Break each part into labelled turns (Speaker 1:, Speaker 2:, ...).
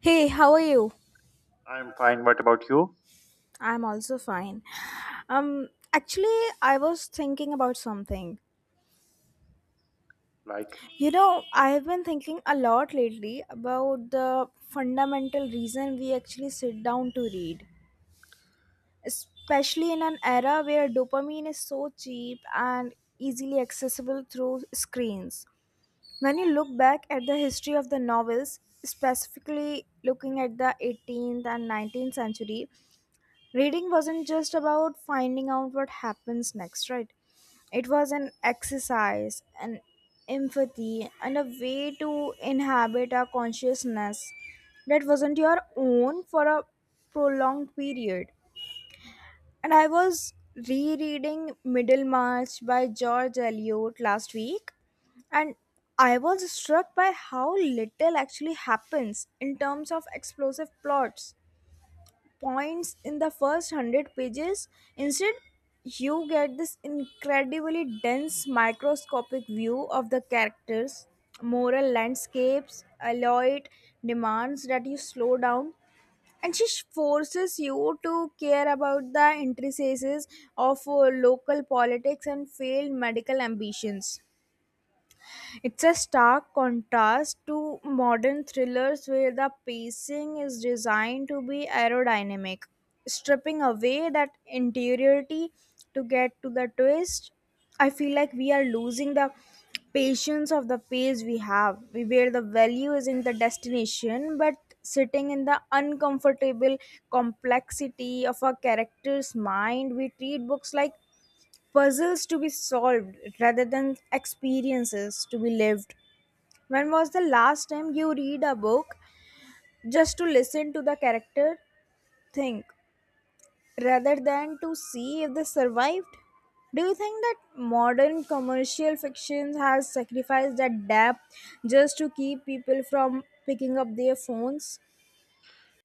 Speaker 1: Hey, how are you?
Speaker 2: I'm fine. What about you?
Speaker 1: I'm also fine. I was thinking about something.
Speaker 2: Like,
Speaker 1: I've been thinking a lot lately about the fundamental reason we actually sit down to read, especially in an era where dopamine is so cheap and easily accessible through screens. When you look back at the history of the novels, specifically looking at the 18th and 19th century, reading wasn't just about finding out what happens next, right? It was an exercise, an empathy, and a way to inhabit our consciousness that wasn't your own for a prolonged period. And I was rereading Middlemarch by George Eliot last week, and I was struck by how little actually happens in terms of explosive plots points in the first 100 pages. Instead, you get this incredibly dense microscopic view of the characters, moral landscapes, alloyed demands that you slow down. And she forces you to care about the intricacies of local politics and failed medical ambitions. It's a stark contrast to modern thrillers where the pacing is designed to be aerodynamic, stripping away that interiority to get to the twist. I feel like we are losing the patience of the pace we have, we where the value is in the destination, but sitting in the uncomfortable complexity of a character's mind, we treat books like puzzles to be solved rather than experiences to be lived. When was the last time you read a book just to listen to the character think rather than to see if they survived? Do you think that modern commercial fiction has sacrificed that depth just to keep people from picking up their phones?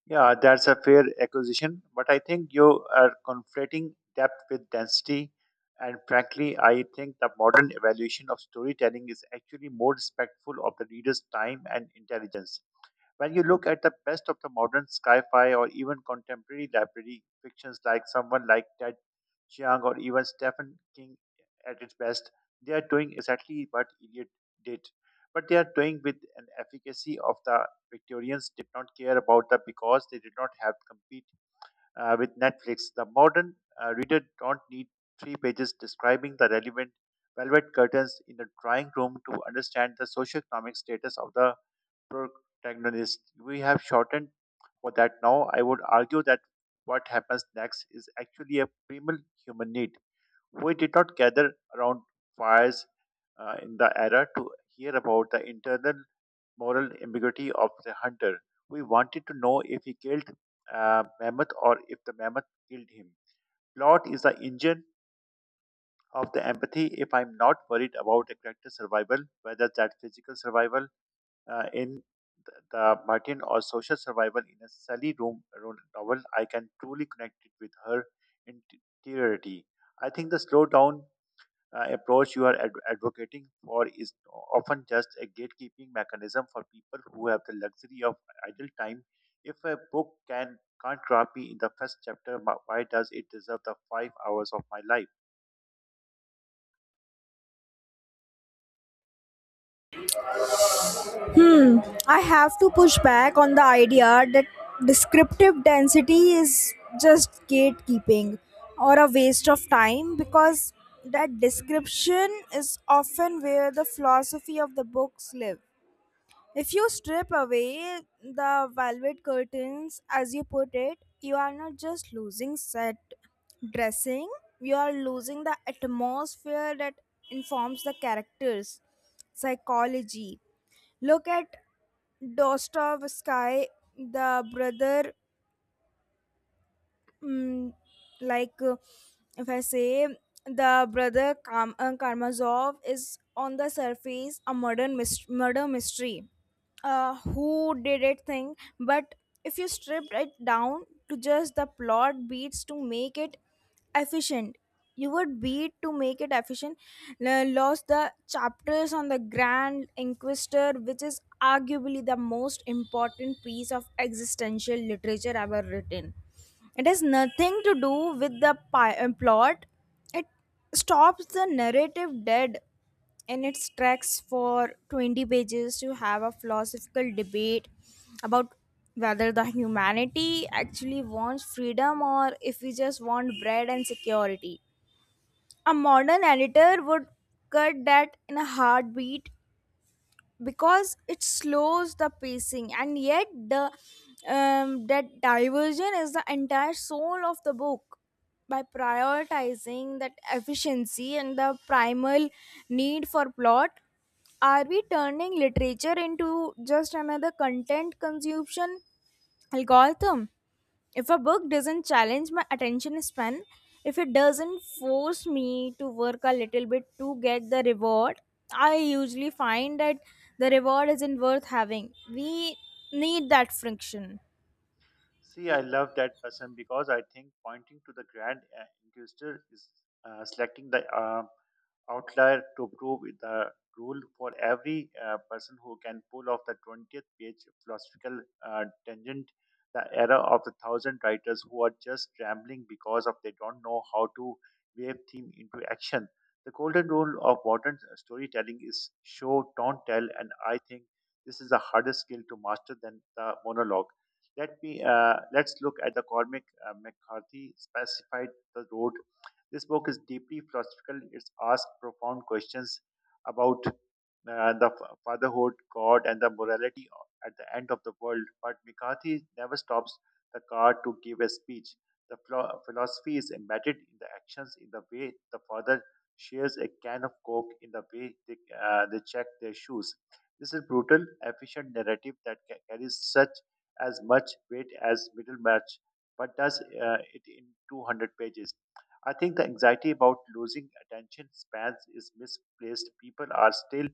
Speaker 2: yeah, that's a fair acquisition, but I think you are conflating depth with density. And frankly, I think the modern evaluation of storytelling is actually more respectful of the reader's time and intelligence. When you look at the best of the modern sci-fi or even contemporary library fictions like someone like Ted Chiang or even Stephen King at its best, they are doing exactly what Eliot did. But they are doing with an efficacy of the Victorians did not care about the because they did not have to compete with Netflix. The modern reader don't need three pages describing the relevant velvet curtains in the drawing room to understand the socioeconomic status of the protagonist. We have shortened for that now. I would argue that what happens next is actually a primal human need. We did not gather around fires in the era to hear about the internal moral ambiguity of the hunter. We wanted to know if he killed mammoth or if the mammoth killed him. Plot is the engine of the empathy. If I'm not worried about a character's survival, whether that physical survival uh, in the Martin or Social Survival in a Sally Room Room novel, I can truly connect it with her interiority. I think the slow down approach you are advocating for is often just a gatekeeping mechanism for people who have the luxury of idle time. If a book can't grab me in the first chapter, why does it deserve the 5 hours of my life?
Speaker 1: Hmm, I have to push back on the idea that descriptive density is just gatekeeping or a waste of time, because that description is often where the philosophy of the books live. If you strip away the velvet curtains, as you put it, you are not just losing set dressing, you are losing the atmosphere that informs the characters, psychology. Look at Dostoevsky, the brother, mm, like uh, if I say, the brother Karamazov is on the surface a modern murder mystery, who did it thing, but if you stripped it down to just the plot beats to make it efficient, you would beat to make it efficient, lost the chapters on the grand inquisitor, which is arguably the most important piece of existential literature ever written. It has nothing to do with the plot. It stops the narrative dead in its tracks for 20 pages to have a philosophical debate about whether the humanity actually wants freedom or if we just want bread and security. A modern editor would cut that in a heartbeat because it slows the pacing, and yet the that diversion is the entire soul of the book. By prioritizing that efficiency and the primal need for plot, are we turning literature into just another content consumption algorithm? If a book doesn't challenge my attention span, if it doesn't force me to work a little bit to get the reward, I usually find that the reward isn't worth having. We need that friction.
Speaker 2: See, I love that person because I think pointing to the grand inquisitor is selecting the outlier to prove the rule for every person who can pull off the 20th page philosophical tangent, the era of the thousand writers who are just rambling because of they don't know how to wave theme into action. The golden rule of modern storytelling is show, don't tell, and I think this is a harder skill to master than the monologue. Let's look at the Cormac McCarthy specified the road. This book is deeply philosophical. It's asked profound questions about fatherhood, God, and the morality at the end of the world. But McCarthy never stops the car to give a speech. The philosophy is embedded in the actions, in the way the father shares a can of coke, in the way they check their shoes. This is brutal, efficient narrative that carries such as much weight as Middlemarch, but does it in 200 pages. I think the anxiety about losing attention spans is misplaced. People are still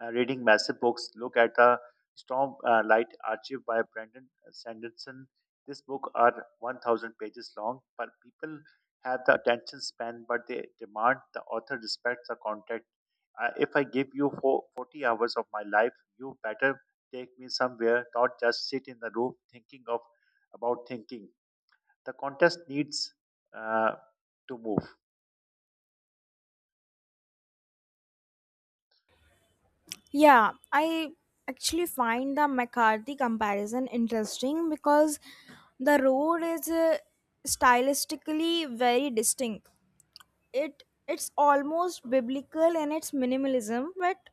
Speaker 2: reading massive books. Look at the Storm Light Archive by Brandon Sanderson. This book are 1,000 pages long, but people have the attention span, but they demand the author respects the content. If I give you 40 hours of my life, you better take me somewhere, not just sit in the room thinking of about thinking. The contest needs uh, to move.
Speaker 1: Yeah, I actually find the McCarthy comparison interesting because The Road is stylistically very distinct. It's almost biblical in its minimalism, but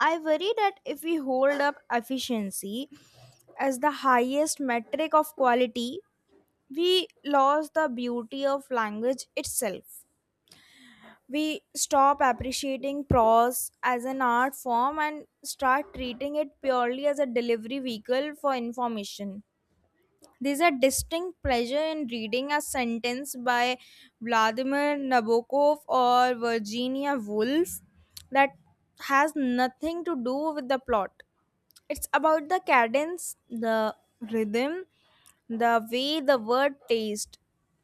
Speaker 1: I worry that if we hold up efficiency as the highest metric of quality, we lose the beauty of language itself. We stop appreciating prose as an art form and start treating it purely as a delivery vehicle for information. There's a distinct pleasure in reading a sentence by Vladimir Nabokov or Virginia Woolf that has nothing to do with the plot. It's about the cadence, the rhythm, the way the word tastes.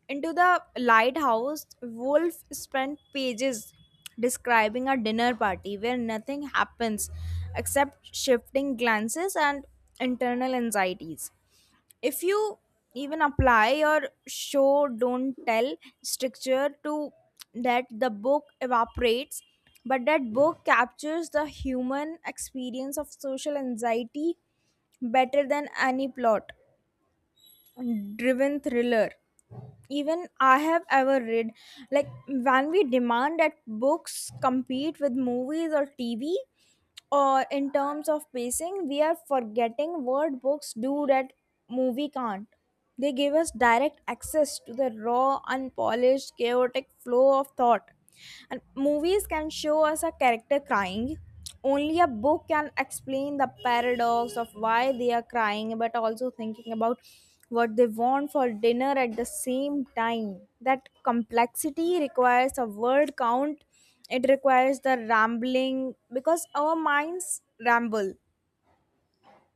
Speaker 1: Into the lighthouse, Wolf spent pages describing a dinner party where nothing happens except shifting glances and internal anxieties. If you even apply your show don't tell structure to that, the book evaporates, but that book captures the human experience of social anxiety better than any plot driven thriller even I have ever read. Like when we demand that books compete with movies or TV, or in terms of pacing, we are forgetting what books do that movie can't. They give us direct access to the raw, unpolished, chaotic flow of thought. And movies can show us a character crying, only a book can explain the paradox of why they are crying but also thinking about what they want for dinner at the same time. That complexity requires a word count, it requires the rambling because our minds ramble.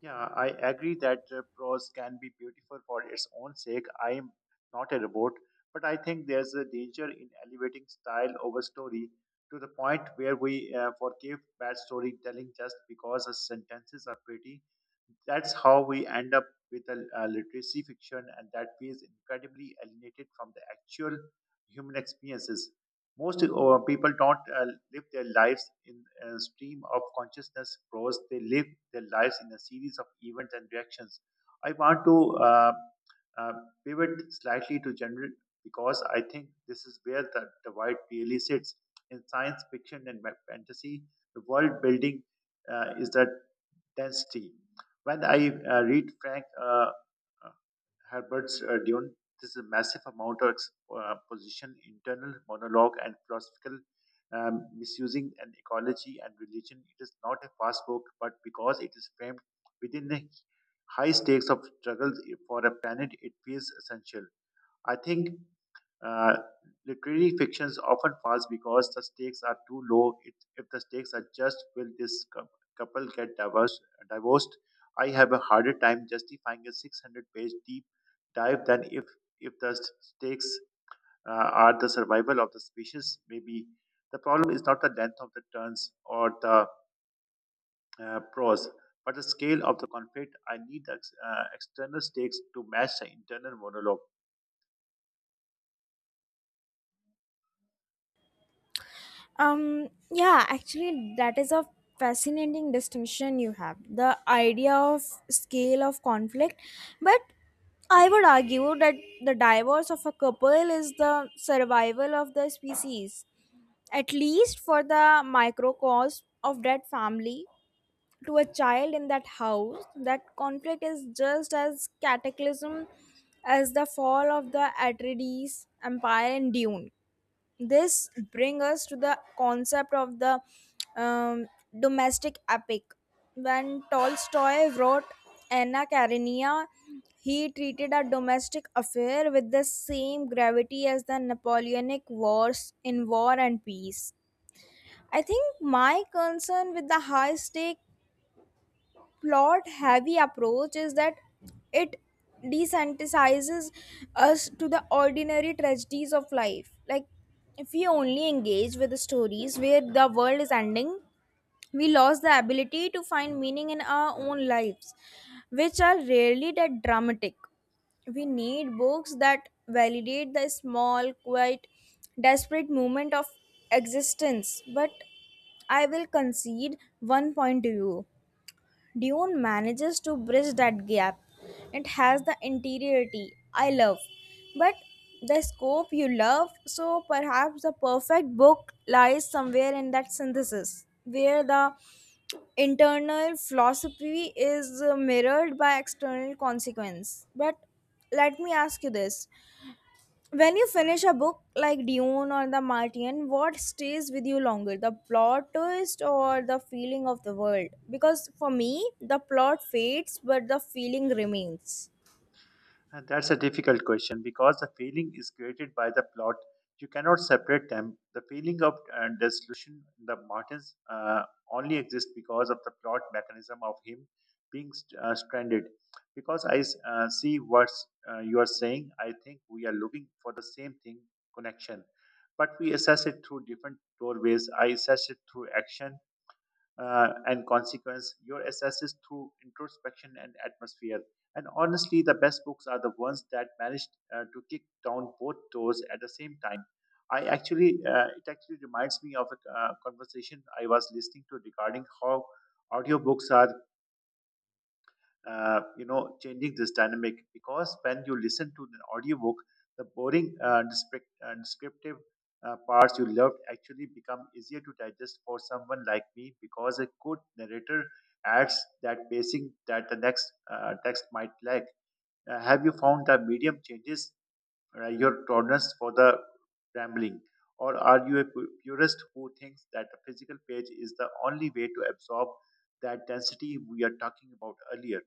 Speaker 2: Yeah, I agree that prose can be beautiful for its own sake. I am not a robot, but I think there's a danger in elevating style over story to the point where we forgive bad storytelling just because the sentences are pretty. That's how we end up with a literacy fiction, and that feels incredibly alienated from the actual human experiences. Most people don't live their lives in a stream of consciousness prose. They live their lives in a series of events and reactions. I want to uh, pivot slightly to genre because I think this is where the divide really sits. In science fiction and fantasy, the world building is the density. When I read Frank Herbert's Dune. This is a massive amount of position, internal monologue, and philosophical misusing an ecology and religion. It is not a fast book, but because it is framed within the high stakes of struggle for a planet, it feels essential. I think uh, literary fictions often falls because the stakes are too low. It, if the stakes are just will this couple get divorced, I have a harder time justifying a 600-page deep dive than if the stakes are the survival of the species. Maybe the problem is not the length of the turns or the prose, but the scale of the conflict. I need the external stakes to match the internal monologue.
Speaker 1: That is a fascinating distinction you have, the idea of scale of conflict. But I would argue that the divorce of a couple is the survival of the species, at least for the microcosm of that family. To a child in that house, that conflict is just as cataclysm as the fall of the Atreides empire in Dune. This bring us to the concept of the um, domestic epic. When Tolstoy wrote Anna Karenina, he treated a domestic affair with the same gravity as the Napoleonic wars in War and Peace. I think my concern with the high stake plot heavy approach is that it desensitizes us to the ordinary tragedies of life. Like if we only engage with the stories where the world is ending, we lost the ability to find meaning in our own lives, which are rarely that dramatic. We need books that validate the small, quiet, desperate moment of existence. But I will concede one point to you, Dune manages to bridge that gap. It has the interiority I love, but the scope you love, so perhaps the perfect book lies somewhere in that synthesis, where the internal philosophy is mirrored by external consequence. But let me ask you this, when you finish a book like Dune or The Martian, what stays with you longer, the plot twist or the feeling of the world? Because for me, the plot fades but the feeling remains.
Speaker 2: And that's a difficult question because the feeling is created by the plot. You cannot separate them. The feeling of dissolution in the mountains only exists because of the plot mechanism of him being stranded. Because see what you are saying, I think we are looking for the same thing connection. But we assess it through different doorways. I assess it through action and consequence, your assesses through introspection and atmosphere. And honestly, the best books are the ones that managed to kick down both doors at the same time. It actually reminds me of a conversation I was listening to regarding how audiobooks are changing this dynamic because when you listen to an audiobook the boring descriptive parts you loved actually become easier to digest for someone like me because a good narrator adds that pacing that the next text might lack. Have you found that medium changes your tolerance for the rambling, or are you a purist who thinks that the physical page is the only way to absorb that density we are talking about earlier?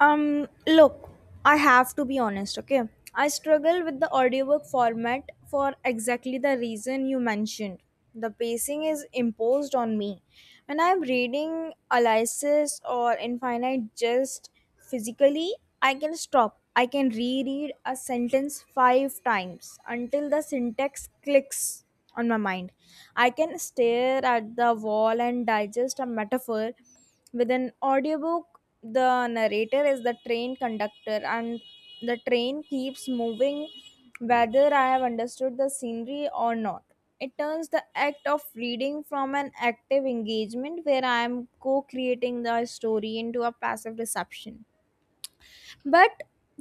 Speaker 1: Look, I have to be honest, okay? I struggle with the audiobook format for exactly the reason you mentioned. The pacing is imposed on me. When I'm reading Alice's or Infinite just physically, I can stop. I can reread a sentence five times until the syntax clicks on my mind. I can stare at the wall and digest a metaphor. With an audiobook, the narrator is the train conductor and the train keeps moving whether I have understood the scenery or not. It turns the act of reading from an active engagement where I am co creating the story into a passive reception. But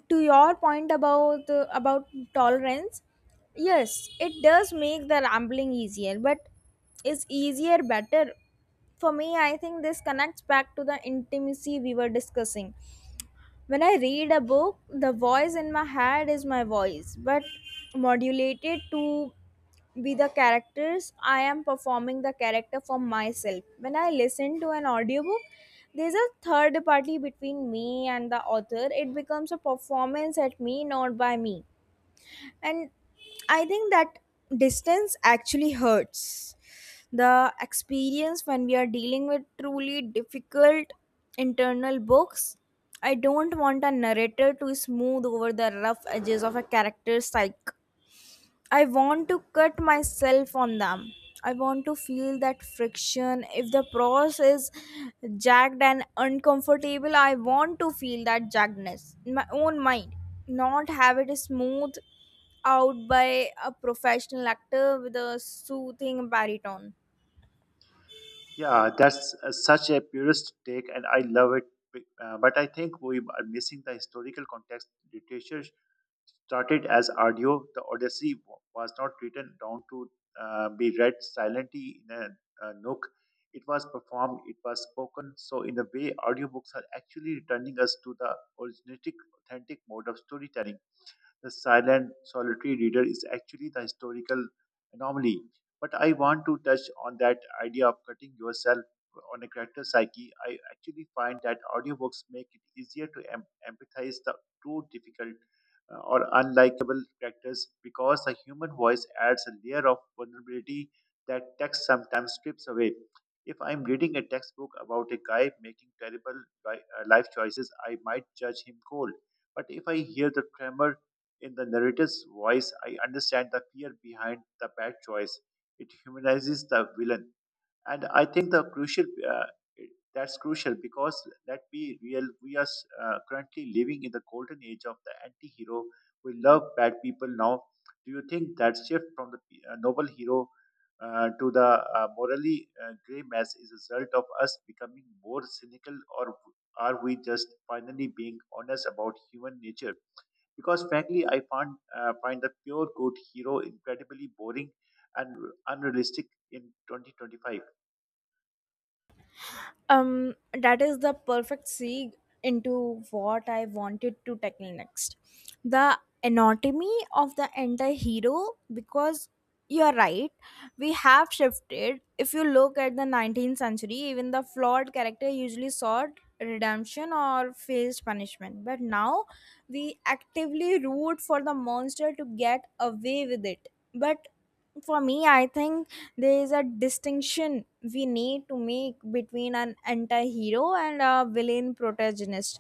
Speaker 1: to your point about tolerance, yes it does make the rambling easier, but is easier better? For me, I think this connects back to the intimacy we were discussing. When I read a book, the voice in my head is my voice, but modulated to be the characters. I am performing the character for myself. When I listen to an audiobook, there's a third party between me and the author. It becomes a performance at me, not by me. And I think that distance actually hurts the experience when we are dealing with truly difficult internal books. I don't want a narrator to smooth over the rough edges of a character's psyche. I want to cut myself on them. I want to feel that friction. If the process is jagged and uncomfortable, I want to feel that jaggedness in my own mind, not have it smoothed out by a professional actor with a soothing baritone.
Speaker 2: Yeah, that's such a purist take, and I love it. But I think we are missing the historical context. Literature started as audio. The Odyssey was not written down to be read silently in a nook. It was performed, it was spoken. So, in a way, audiobooks are actually returning us to the originating, authentic mode of storytelling. The silent, solitary reader is actually the historical anomaly. But I want to touch on that idea of cutting yourself on a character psyche. I actually find that audiobooks make it easier to empathize the too difficult or unlikable characters because the human voice adds a layer of vulnerability that text sometimes strips away. If I'm reading a textbook about a guy making terrible life choices, I might judge him cold. But if I hear the tremor in the narrator's voice, I understand the fear behind the bad choice. It humanizes the villain, and I think the crucial that's crucial because let's be real, we are currently living in the golden age of the anti-hero. We love bad people now. Do you think that shift from the noble hero to the morally gray mass is a result of us becoming more cynical, or are we just finally being honest about human nature? Because frankly I find the pure good hero incredibly boring and unrealistic in 2025.
Speaker 1: um that is the perfect segue into what I wanted to tackle next, the anatomy of the entire hero. Because you're right, we have shifted. If you look at the 19th century, even the flawed character usually sought redemption or faced punishment, but now we actively root for the monster to get away with it. But for me, I think there is a distinction we need to make between an anti-hero and a villain protagonist.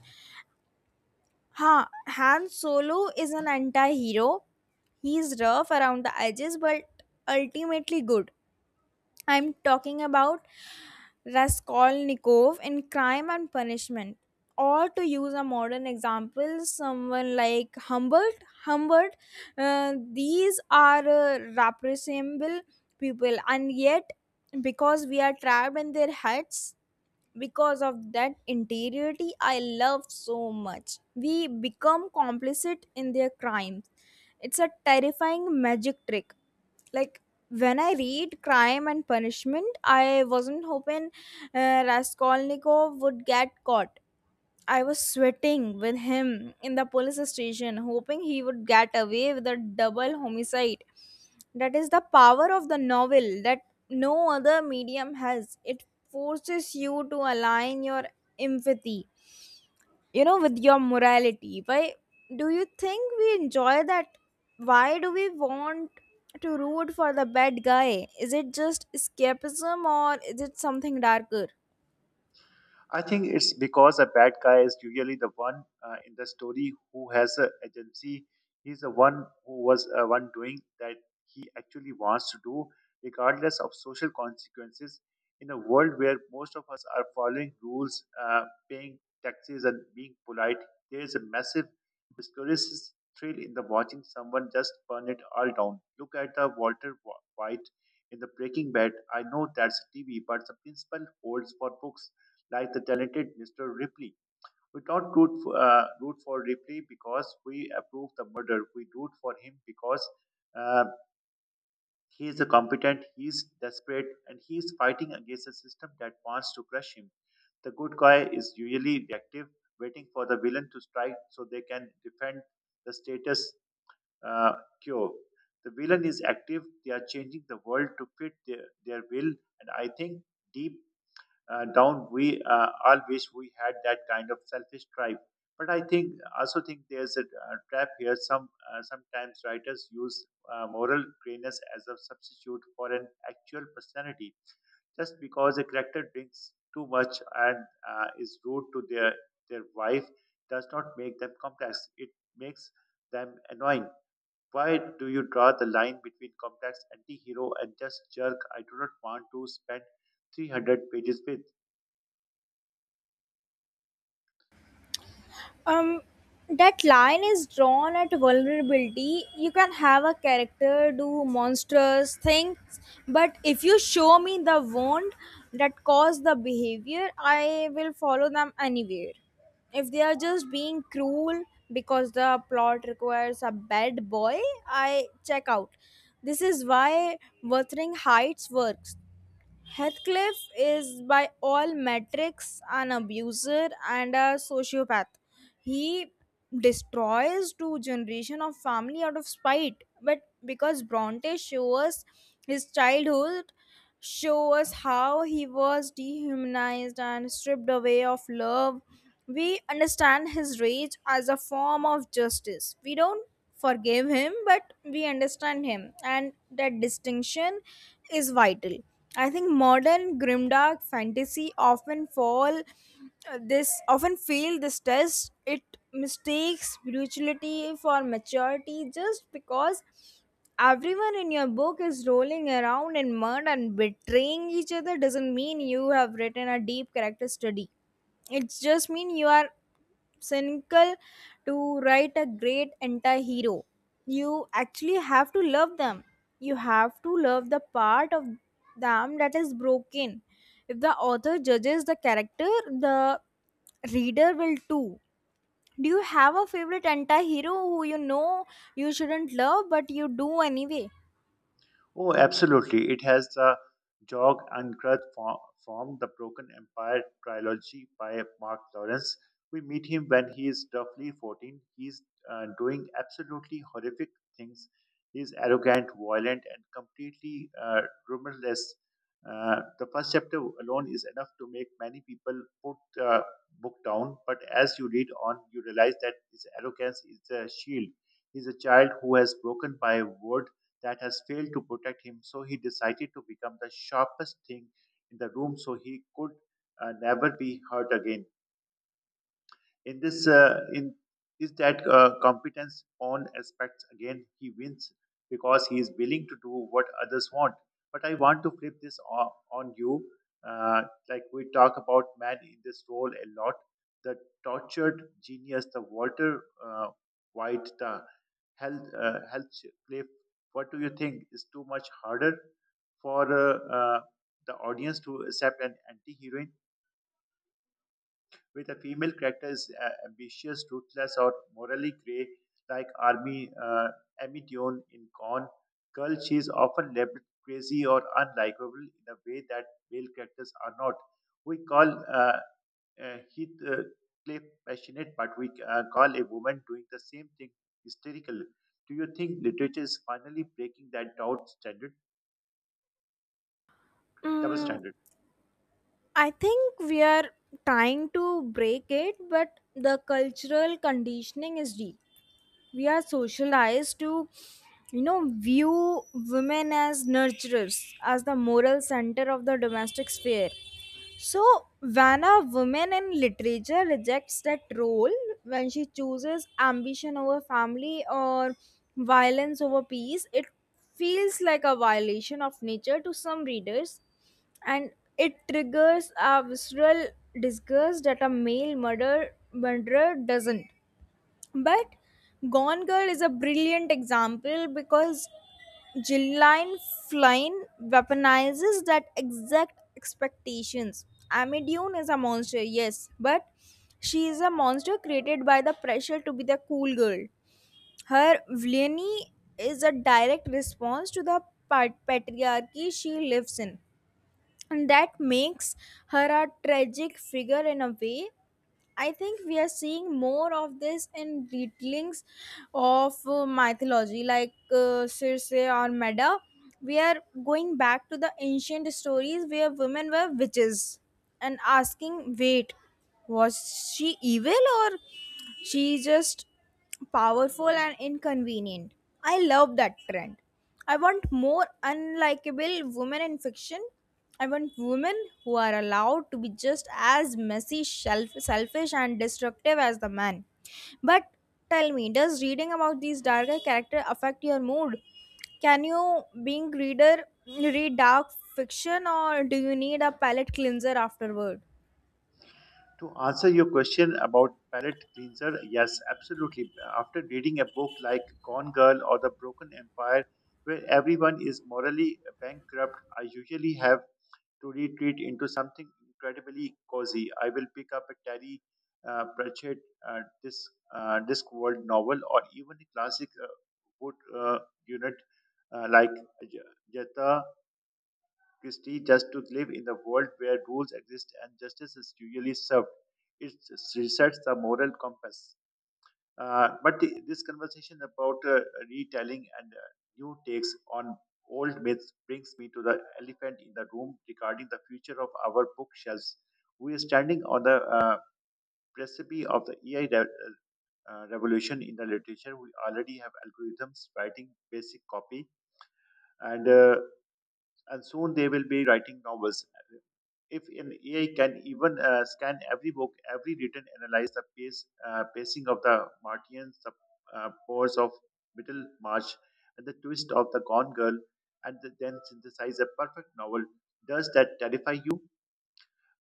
Speaker 1: Ha, Han Solo is an anti-hero. He's rough around the edges but ultimately good. I'm talking about Raskolnikov in Crime and Punishment. Or to use a modern example, someone like Humbert. Humbert, these are reprehensible people, and yet, because we are trapped in their heads, because of that interiority I love so much, we become complicit in their crimes. It's a terrifying magic trick. Like when I read Crime and Punishment, I wasn't hoping Raskolnikov would get caught. I was sweating with him in the police station, hoping he would get away with a double homicide. That is the power of the novel that no other medium has. It forces you to align your empathy with your morality. Why do you think we enjoy that? Why do we want to root for the bad guy? Is it just escapism, or is it something darker?
Speaker 2: I think it's because a bad guy is usually the one in the story who has a agency. He's the one who was one doing that he actually wants to do, regardless of social consequences. In a world where most of us are following rules, paying taxes, and being polite, there is a massive mysterious thrill in the watching someone just burn it all down. Look at the White in the Breaking Bad. I know that's TV, but the principle holds for books like the talented Mr. Ripley. We don't root for Ripley because we approve the murder. We root for him because uh, he is a competent, he is desperate, and he is fighting against a system that wants to crush him. The good guy is usually reactive, waiting for the villain to strike so they can defend the status uh, quo. The villain is active, they are changing the world to fit their will, and I think deep down we all wish we had that kind of selfish drive. But I think also think there's a trap here. Sometimes writers use moral grayness as a substitute for an actual personality. Just because a character drinks too much and is rude to their wife does not make them complex, it makes them annoying. Why do you draw the line between complex anti-hero and just jerk? I do not want to spend 300 pages with.
Speaker 1: um that line is drawn at vulnerability. You can have a character do monstrous things, but if you show me the wound that caused the behavior, I will follow them anywhere. If they are just being cruel because the plot requires a bad boy, I check out. This is why Wuthering Heights works. Heathcliff is, by all metrics, an abuser and a sociopath. He destroys two generation of family out of spite, but because Bronte shows his childhood, shows how he was dehumanized and stripped away of love, we understand his rage as a form of justice. We don't forgive him, but we understand him, and that distinction is vital. I think modern grimdark fantasy often fall this often fail this test. It mistakes spirituality for maturity. Just because everyone in your book is rolling around in mud and betraying each other doesn't mean you have written a deep character study. It just means you are cynical. To write a great anti-hero, you actually have to love them. You have to love the part of them that is broken. If the author judges the character, the reader will too. Do you have a favorite anti-hero who you shouldn't love but you do anyway?
Speaker 2: Oh, absolutely. It has the jog and grudge from the Broken Empire trilogy by Mark Lawrence. We meet him when he is roughly 14. He's doing absolutely horrific things. He's arrogant, violent, and completely remorseless. The first chapter alone is enough to make many people put the book down, but as you read on, you realize that his arrogance is a shield. He's a child who has broken by word that has failed to protect him. So he decided to become the sharpest thing in the room so he could never be hurt again. In this, in is that competence on aspects again he wins because he is willing to do what others want. But I want to flip this on you. Uh, like we talk about man in this role a lot, the tortured genius, the Walter White, the health cliff. What do you think is too much harder for the audience to accept an anti-heroine? With a female character is ambitious, ruthless, or morally grey, like Army Amy Dion in Gone Girl. She is often labeled crazy or unlikable in a way that male characters are not. We call Heath Cliff passionate, but we call a woman doing the same thing hysterical. Do you think literature is finally breaking that double
Speaker 1: Mm,
Speaker 2: standard?
Speaker 1: I think we are trying to break it, but the cultural conditioning is deep. We are socialized to view women as nurturers, as the moral center of the domestic sphere. So when a woman in literature rejects that role, when she chooses ambition over family or violence over peace, it feels like a violation of nature to some readers, and it triggers a visceral disgust that a male murderer doesn't. But Gone Girl is a brilliant example because Gillian Flynn weaponizes that exact expectations. Amy Dune is a monster, yes, but she is a monster created by the pressure to be the cool girl. Her villainy is a direct response to the patriarchy she lives in, and that makes her a tragic figure in a way. I think we are seeing more of this in retellings of mythology, like Circe or Medea. We are going back to the ancient stories where women were witches and asking, wait, was she evil, or she just powerful and inconvenient? I love that trend. I want more unlikable women in fiction. I want women who are allowed to be just as messy, selfish, and destructive as the man. But tell me, does reading about these darker characters affect your mood? Can you, being reader, read dark fiction, or do you need a palate cleanser afterward?
Speaker 2: To answer your question about palate cleanser, yes, absolutely. After reading a book like Gone Girl or The Broken Empire, where everyone is morally bankrupt, I usually have to retreat into something incredibly cozy. I will pick up a Terry Pratchett Discworld novel or even a classic wood unit like J- Jetta Christie just to live in a world where rules exist and justice is usually served. It resets the moral compass. But this conversation about retelling and new takes on old myths brings me to the elephant in the room regarding the future of our bookshelves. We are standing on the precipice of the AI revolution in the literature. We already have algorithms writing basic copy, and uh, and soon they will be writing novels. If an AI can even scan every book, every written, analyze the pacing of the Martians, the pores of Middle March, and the twist of the Gone Girl, then synthesize a perfect novel, does that terrify you?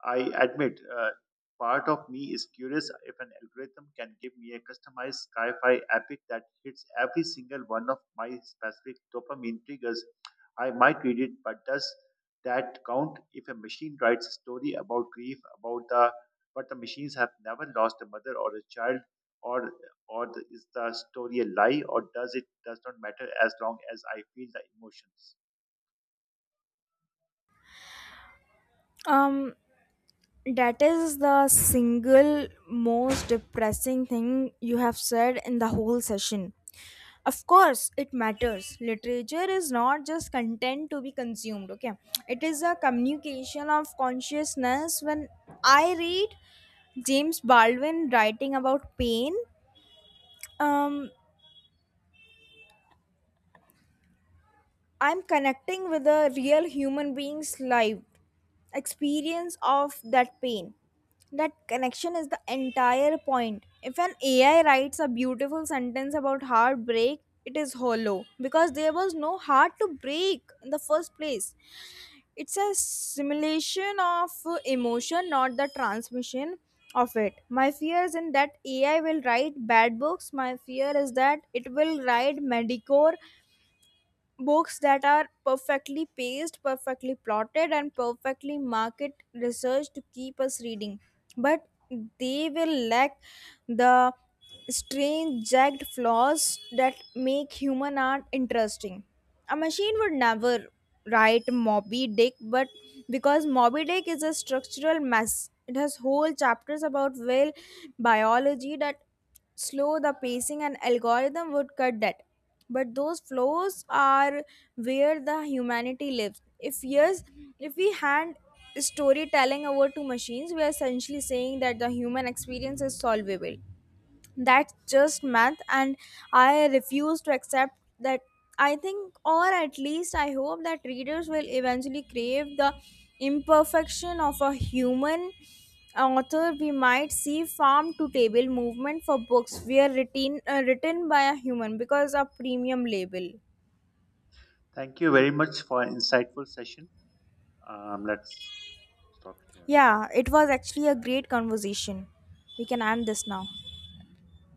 Speaker 2: I admit, part of me is curious if an algorithm can give me a customized sci-fi epic that hits every single one of my specific dopamine triggers. I might read it, but does that count if a machine writes a story about grief, about the but the machines have never lost a mother or a child, or or is the story a lie, or does it does not matter as long as I feel the emotions?
Speaker 1: Um, That is the single most depressing thing you have said in the whole session. Of course, it matters. Literature is not just content to be consumed, okay? It is a communication of consciousness. When I read James Baldwin writing about pain, um, I'm connecting with a real human being's life experience of that pain. That connection is the entire point. If an AI writes a beautiful sentence about heartbreak, it is hollow because there was no heart to break in the first place. It's a simulation of emotion, not the transmission of it. My fear is in that AI will write bad books. My fear is that it will write medicore books that are perfectly paced, perfectly plotted, and perfectly market researched to keep us reading. But they will lack the strange, jagged flaws that make human art interesting. A machine would never write Moby Dick, but because Moby Dick is a structural mess, it has whole chapters about whale biology that slow the pacing and algorithm would cut that. But those flows are where the humanity lives. If yes, if we hand storytelling over to machines, we are essentially saying that the human experience is solvable, that's just math, and I refuse to accept that. I think, or at least I hope, that readers will eventually crave the imperfection of a human author. We might see farm to table movement for books were written written by a human because a premium label.
Speaker 2: Thank you very much for an insightful session. Let's stop it here.
Speaker 1: Yeah, it was actually a great conversation. We can end this now.